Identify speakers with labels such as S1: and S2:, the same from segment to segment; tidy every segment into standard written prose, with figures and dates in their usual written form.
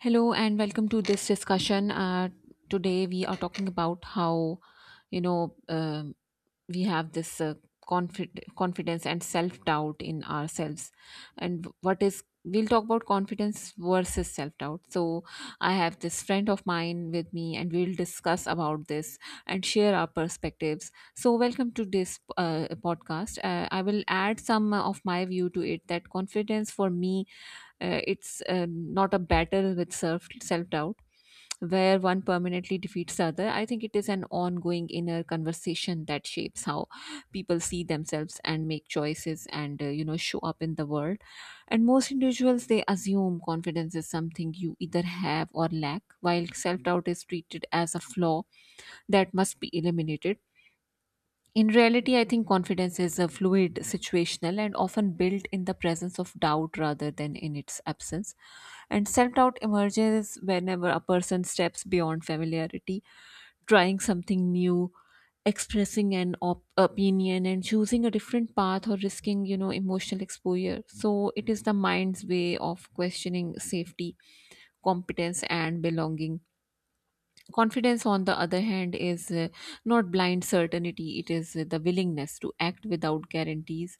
S1: Hello and welcome to this discussion. Today we are talking about how you know um we have this confidence and self doubt in ourselves, and what is, we'll talk about confidence versus self doubt. So I have this friend of mine with me and we'll discuss about this and share our perspectives. So welcome to this podcast. I will add some of my view to it that confidence for me, it's not a battle with self doubt where one permanently defeats the other. I think it is an ongoing inner conversation that shapes how people see themselves and make choices and, show up in the world. And most individuals, they assume confidence is something you either have or lack, while self doubt is treated as a flaw that must be eliminated. In reality, I think confidence is a fluid, situational, and often built in the presence of doubt rather than in its absence. And self doubt emerges whenever a person steps beyond familiarity, trying something new, expressing an opinion, and choosing a different path or risking, emotional exposure. So it is the mind's way of questioning safety, competence, and belonging. Confidence, on the other hand, is not blind certainty, it is the willingness to act without guarantees.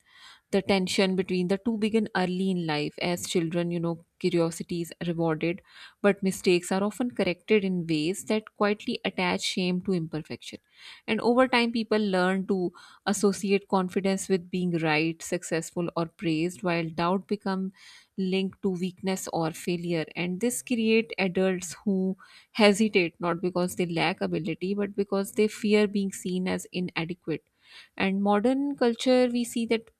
S1: The tension between the two begin early in life. As children, curiosity is rewarded, but mistakes are often corrected in ways that quietly attach shame to imperfection. And over time, people learn to associate confidence with being right, successful, or praised, while doubt become linked to weakness or failure. And this create adults who hesitate, not because they lack ability, but because they fear being seen as inadequate. And modern culture, we see that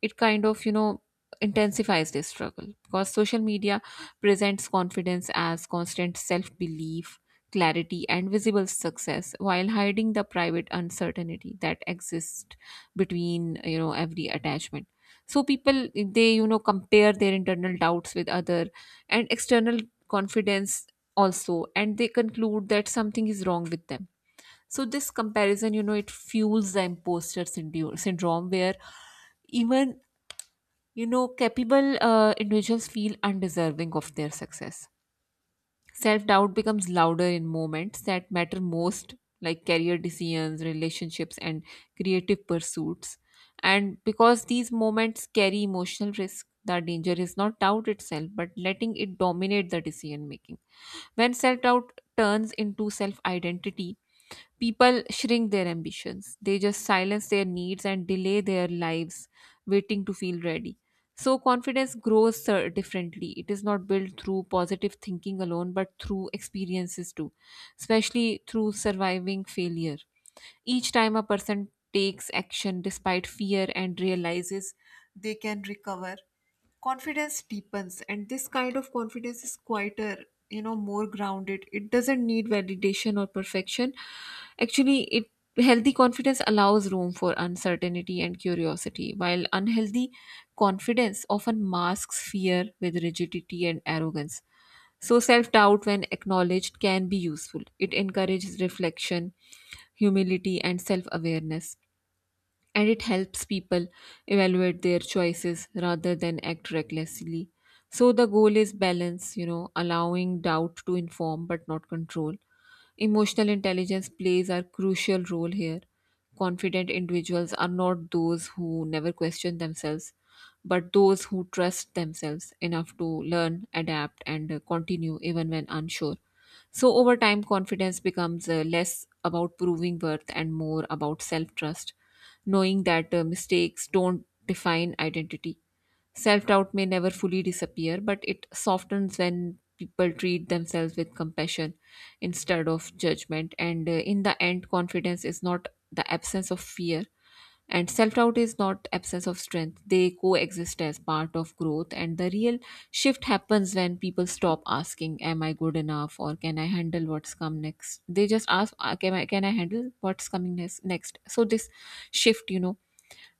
S1: it kind of, intensifies this struggle because social media presents confidence as constant self belief, clarity, and visible success, while hiding the private uncertainty that exists between, every attachment. So people, they, compare their internal doubts with other and external confidence also, and they conclude that something is wrong with them. So this comparison, it fuels the imposter syndrome, where even, capable individuals feel undeserving of their success. Self doubt becomes louder in moments that matter most, like career decisions, relationships, and creative pursuits. And because these moments carry emotional risk, the danger is not doubt itself, but letting it dominate the decision making. When self doubt turns into self identity, people shrink their ambitions, they just silence their needs and delay their lives, waiting to feel ready. So confidence grows sir, differently. It is not built through positive thinking alone, but through experiences too, especially through surviving failure. Each time a person takes action despite fear and realizes they can recover, confidence deepens. And this kind of confidence is quieter, more grounded. It doesn't need validation or perfection. Actually, it, healthy confidence allows room for uncertainty and curiosity, while unhealthy confidence often masks fear with rigidity and arrogance. So, self doubt, when acknowledged, can be useful. It encourages reflection, humility, and self awareness, and it helps people evaluate their choices rather than act recklessly. So the goal is balance, allowing doubt to inform but not control. Emotional intelligence plays a crucial role here. Confident individuals are not those who never question themselves, but those who trust themselves enough to learn, adapt, and continue even when unsure. So, over time, confidence becomes less about proving worth and more about self trust, knowing that mistakes don't define identity. Self doubt may never fully disappear, but it softens when people treat themselves with compassion instead of judgment. And in the end, confidence is not the absence of fear, and self doubt is not absence of strength. They coexist as part of growth. And the real shift happens when people stop asking, "Am I good enough?" or "Can I handle what's come next?" They just ask, "Ah, can I handle what's coming next? So, this shift,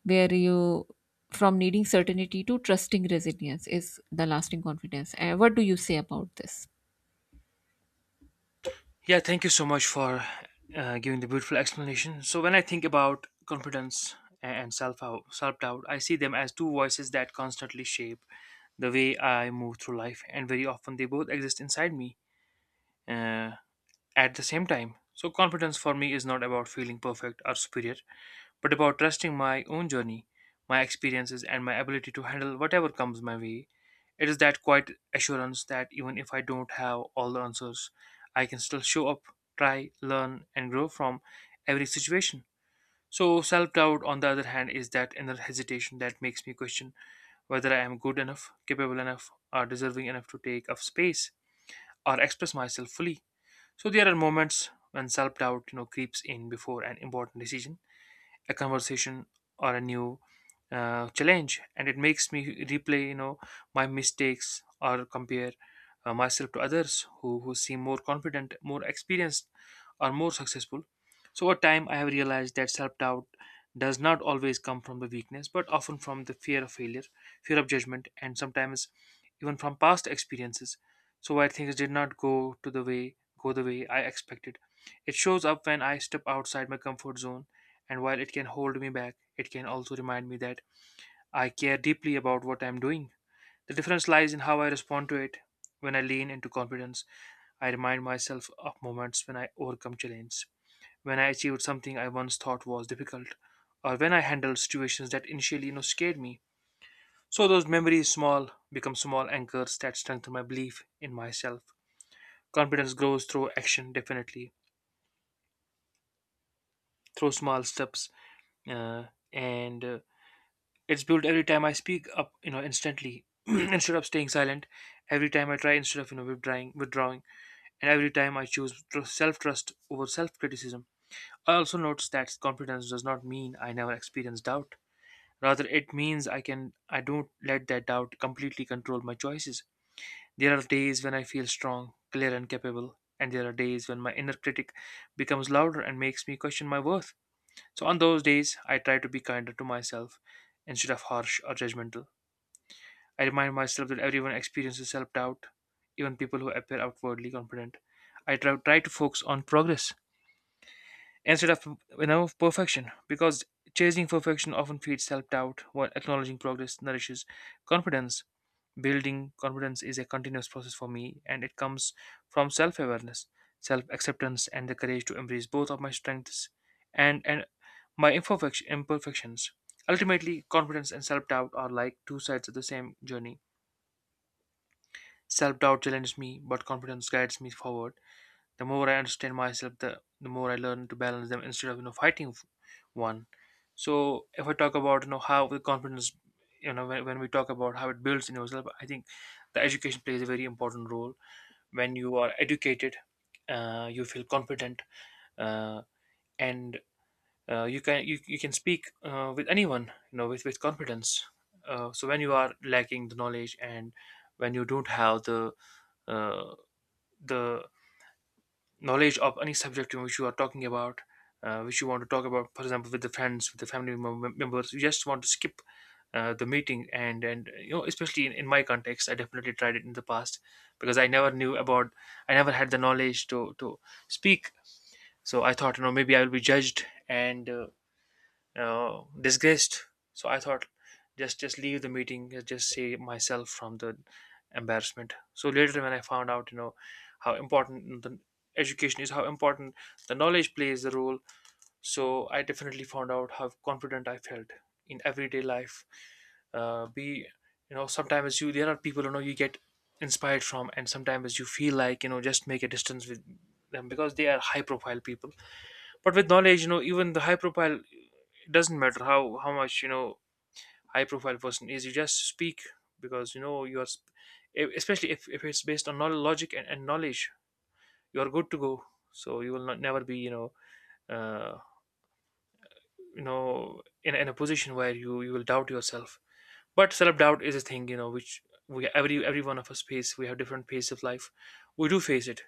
S1: where you, from needing certainty to trusting resilience, is the lasting confidence. What do you say about this?
S2: Yeah, thank you so much for giving the beautiful explanation. So, when I think about confidence and self doubt, I see them as two voices that constantly shape the way I move through life, and very often they both exist inside me uh, at the same time. So, confidence for me is not about feeling perfect or superior, but about trusting my own journey, my experiences, and my ability to handle whatever comes my way. It is that quiet assurance that even if I don't have all the answers, I can still show up, try, learn, and grow from every situation. So, self doubt, on the other hand, is that inner hesitation that makes me question whether I am good enough, capable enough, or deserving enough to take up space or express myself fully. So, there are moments when self doubt creeps in before an important decision, a conversation, or a new challenge, and it makes me replay my mistakes or compare myself to others who seem more confident, more experienced, or more successful. So over time I have realized that self-doubt does not always come from the weakness, but often from the fear of failure, fear of judgment, and sometimes even from past experiences, so where things did not go the way I expected. It shows up when I step outside my comfort zone, and while it can hold me back, it can also remind me that I care deeply about what I'm doing. The difference lies in how I respond to it. When I lean into confidence, I remind myself of moments when I overcome challenges, when I achieved something I once thought was difficult, or when I handled situations that initially, scared me. So those memories small become small anchors that strengthen my belief in myself. Confidence grows through action, definitely, through small steps, uh, and it's built every time I speak up, instantly instead of staying silent. Every time I try instead of withdrawing, and every time I choose self trust over self criticism. I also notice that confidence does not mean I never experience doubt. Rather, it means I don't let that doubt completely control my choices. There are days when I feel strong, clear, and capable, and there are days when my inner critic becomes louder and makes me question my worth. So on those days, I try to be kinder to myself instead of harsh or judgmental. I remind myself that everyone experiences self doubt, even people who appear outwardly confident. I try to focus on progress instead of perfection, because chasing perfection often feeds self doubt while acknowledging progress nourishes confidence. Building confidence is a continuous process for me, and it comes from self awareness, self acceptance, and the courage to embrace both of my strengths and my imperfections. Ultimately, confidence and self doubt are like two sides of the same journey. Self doubt challenges me, but confidence guides me forward. The more I understand myself, the more I learn to balance them instead of fighting one. So if I talk about how the confidence, you know, when we talk about how it builds in yourself, I think the education plays a very important role. When you are educated, you feel confident, uh, and you can you can speak with anyone, you know, with confidence. So when you are lacking the knowledge, and when you don't have the uh, the knowledge of any subject in which you are talking about, which you want to talk about, for example, with the friends, with the family members, you just want to skip the meeting. And you know, especially in my context, I definitely tried it in the past because I never knew about, I never had the knowledge to speak. So I thought, you know, maybe I will be judged and disgraced. So I thought, just leave the meeting, just save myself from the embarrassment. So later, when I found out, you know, how important the education is, how important the knowledge plays the role. So I definitely found out how confident I felt in everyday life. Be you know, sometimes you there are people, you know, you get inspired from, and sometimes you feel like, you know, just make a distance with them because they are high profile people. But with knowledge, you know, even the high profile, it doesn't matter how much, you know, high profile person is, you just speak because you know especially if it's based on knowledge, logic, and knowledge, you're good to go. So you will not never be, you know, uh, you know, in a position where you will doubt yourself. But self doubt is a thing, you know, which we every one of us face. We have different phases of life, we do face it.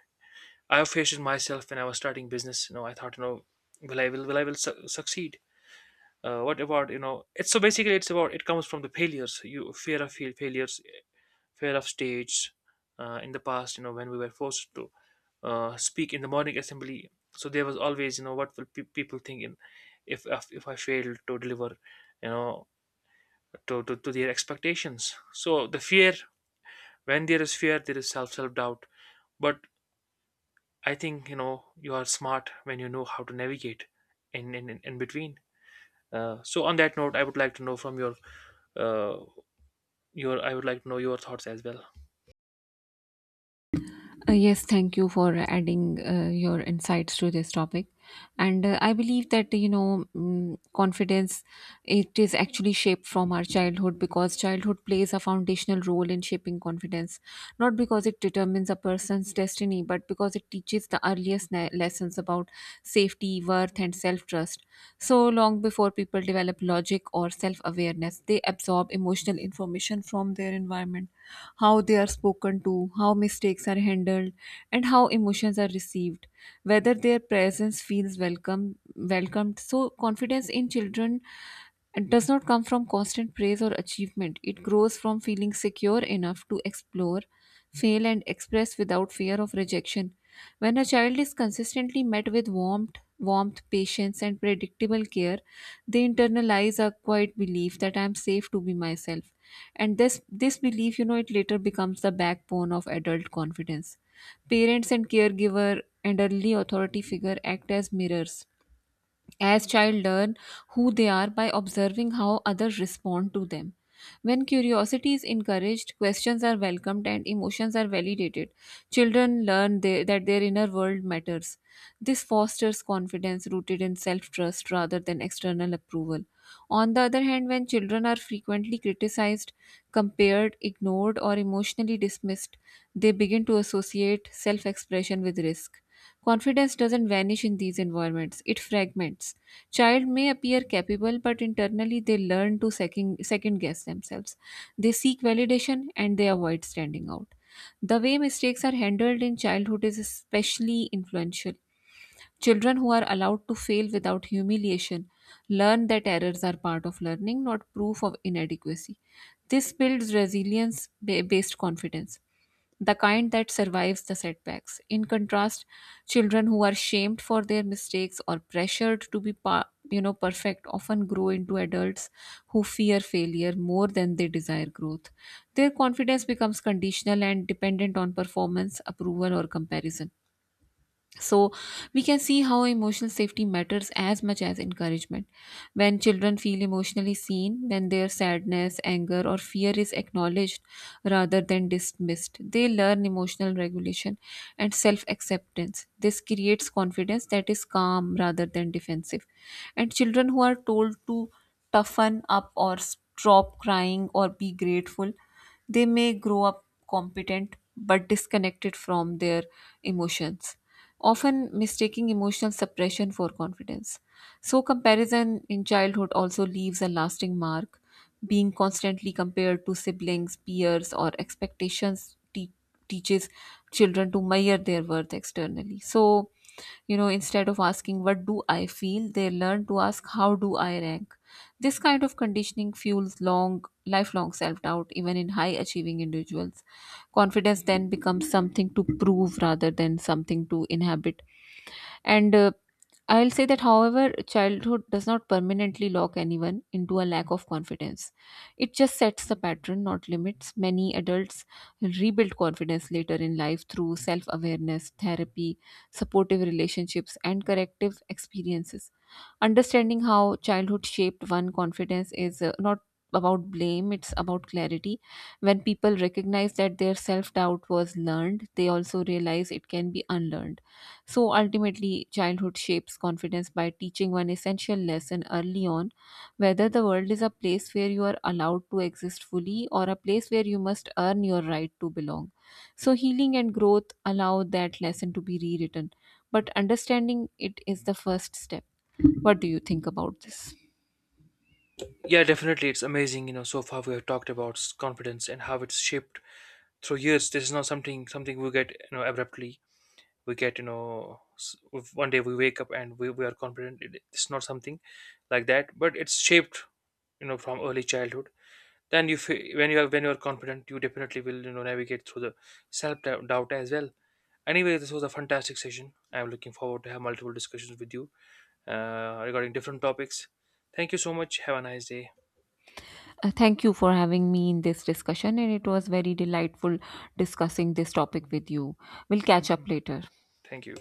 S2: I have faced it myself when I was starting business. You know, I thought, you know, will succeed, what about, you know, it's so basically it's about, it comes from the failures, you fear of failures, fear of stage, in the past, you know, when we were forced to speak in the morning assembly. So there was always, you know, what will people think in, if I fail to deliver, you know, to their expectations. So the fear, when there is fear, there is self doubt. But I think, you know, you are smart when you know how to navigate in between. So on that note, I would like to know from your uh, I would like to know your thoughts as well.
S1: Yes, thank you for adding your insights to this topic. And I believe that, mm, confidence, it is actually shaped from our childhood, because childhood plays a foundational role in shaping confidence, not because it determines a person's destiny, but because it teaches the earliest lessons about safety, worth, and self-trust. So long before people develop logic or self awareness, they absorb emotional information from their environment, how they are spoken to, how mistakes are handled, and how emotions are received, whether their presence feels welcomed. So, confidence in children does not come from constant praise or achievement. It grows from feeling secure enough to explore, fail, and express without fear of rejection. When a child is consistently met with warmth, patience, and predictable care, they internalize a quiet belief that I am safe to be myself. And this belief, it later becomes the backbone of adult confidence. Parents and caregiver and early authority figure act as mirrors, as child learn who they are by observing how others respond to them. When curiosity is encouraged, questions are welcomed, and emotions are validated, children learn that their inner world matters. This fosters confidence rooted in self-trust rather than external approval. On the other hand, when children are frequently criticized, compared, ignored, or emotionally dismissed, they begin to associate self-expression with risk. Confidence doesn't vanish in these environments, it fragments. Child may appear capable, but internally they learn to second guess themselves. They seek validation and they avoid standing out. The way mistakes are handled in childhood is especially influential. Children who are allowed to fail without humiliation learn that errors are part of learning, not proof of inadequacy. This builds resilience based confidence, the kind that survives the setbacks. In contrast, children who are shamed for their mistakes or pressured to be perfect, often grow into adults who fear failure more than they desire growth. Their confidence becomes conditional and dependent on performance, approval, or comparison. So, we can see how emotional safety matters as much as encouragement. When children feel emotionally seen, when their sadness, anger, or fear is acknowledged rather than dismissed, they learn emotional regulation and self acceptance. This creates confidence that is calm rather than defensive. And children who are told to toughen up or stop crying or be grateful, they may grow up competent but disconnected from their emotions, often mistaking emotional suppression for confidence. So, comparison in childhood also leaves a lasting mark. Being constantly compared to siblings, peers, or expectations teaches children to measure their worth externally. So, instead of asking, "What do I feel?" they learn to ask, "How do I rank?" This kind of conditioning fuels long, lifelong self doubt, even in high achieving individuals. Confidence then becomes something to prove rather than something to inhabit. And I'll say that, however, childhood does not permanently lock anyone into a lack of confidence. It just sets the pattern, not limits. Many adults rebuild confidence later in life through self awareness, therapy, supportive relationships, and corrective experiences. Understanding how childhood shaped one confidence is not about blame, it's about clarity. When people recognize that their self doubt was learned, they also realize it can be unlearned. So ultimately, childhood shapes confidence by teaching one essential lesson early on, whether the world is a place where you are allowed to exist fully or a place where you must earn your right to belong. So, healing and growth allow that lesson to be rewritten, but understanding it is the first step. What do you think about this?
S2: Yeah, definitely, it's amazing, you know. So far we have talked about confidence and how it's shaped through years. This is not something we get, you know, abruptly. We get, you know, if one day we wake up and we are confident. It's not something like that, but it's shaped, you know, from early childhood. Then when you are, when you are confident, you definitely will, you know, navigate through the self doubt as well. Anyway, this was a fantastic session. I'm looking forward to have multiple discussions with you, regarding different topics. Thank you so much. Have a nice day.
S1: Thank you for having me in this discussion, and it was very delightful discussing this topic with you. We'll catch up later.
S2: Thank you.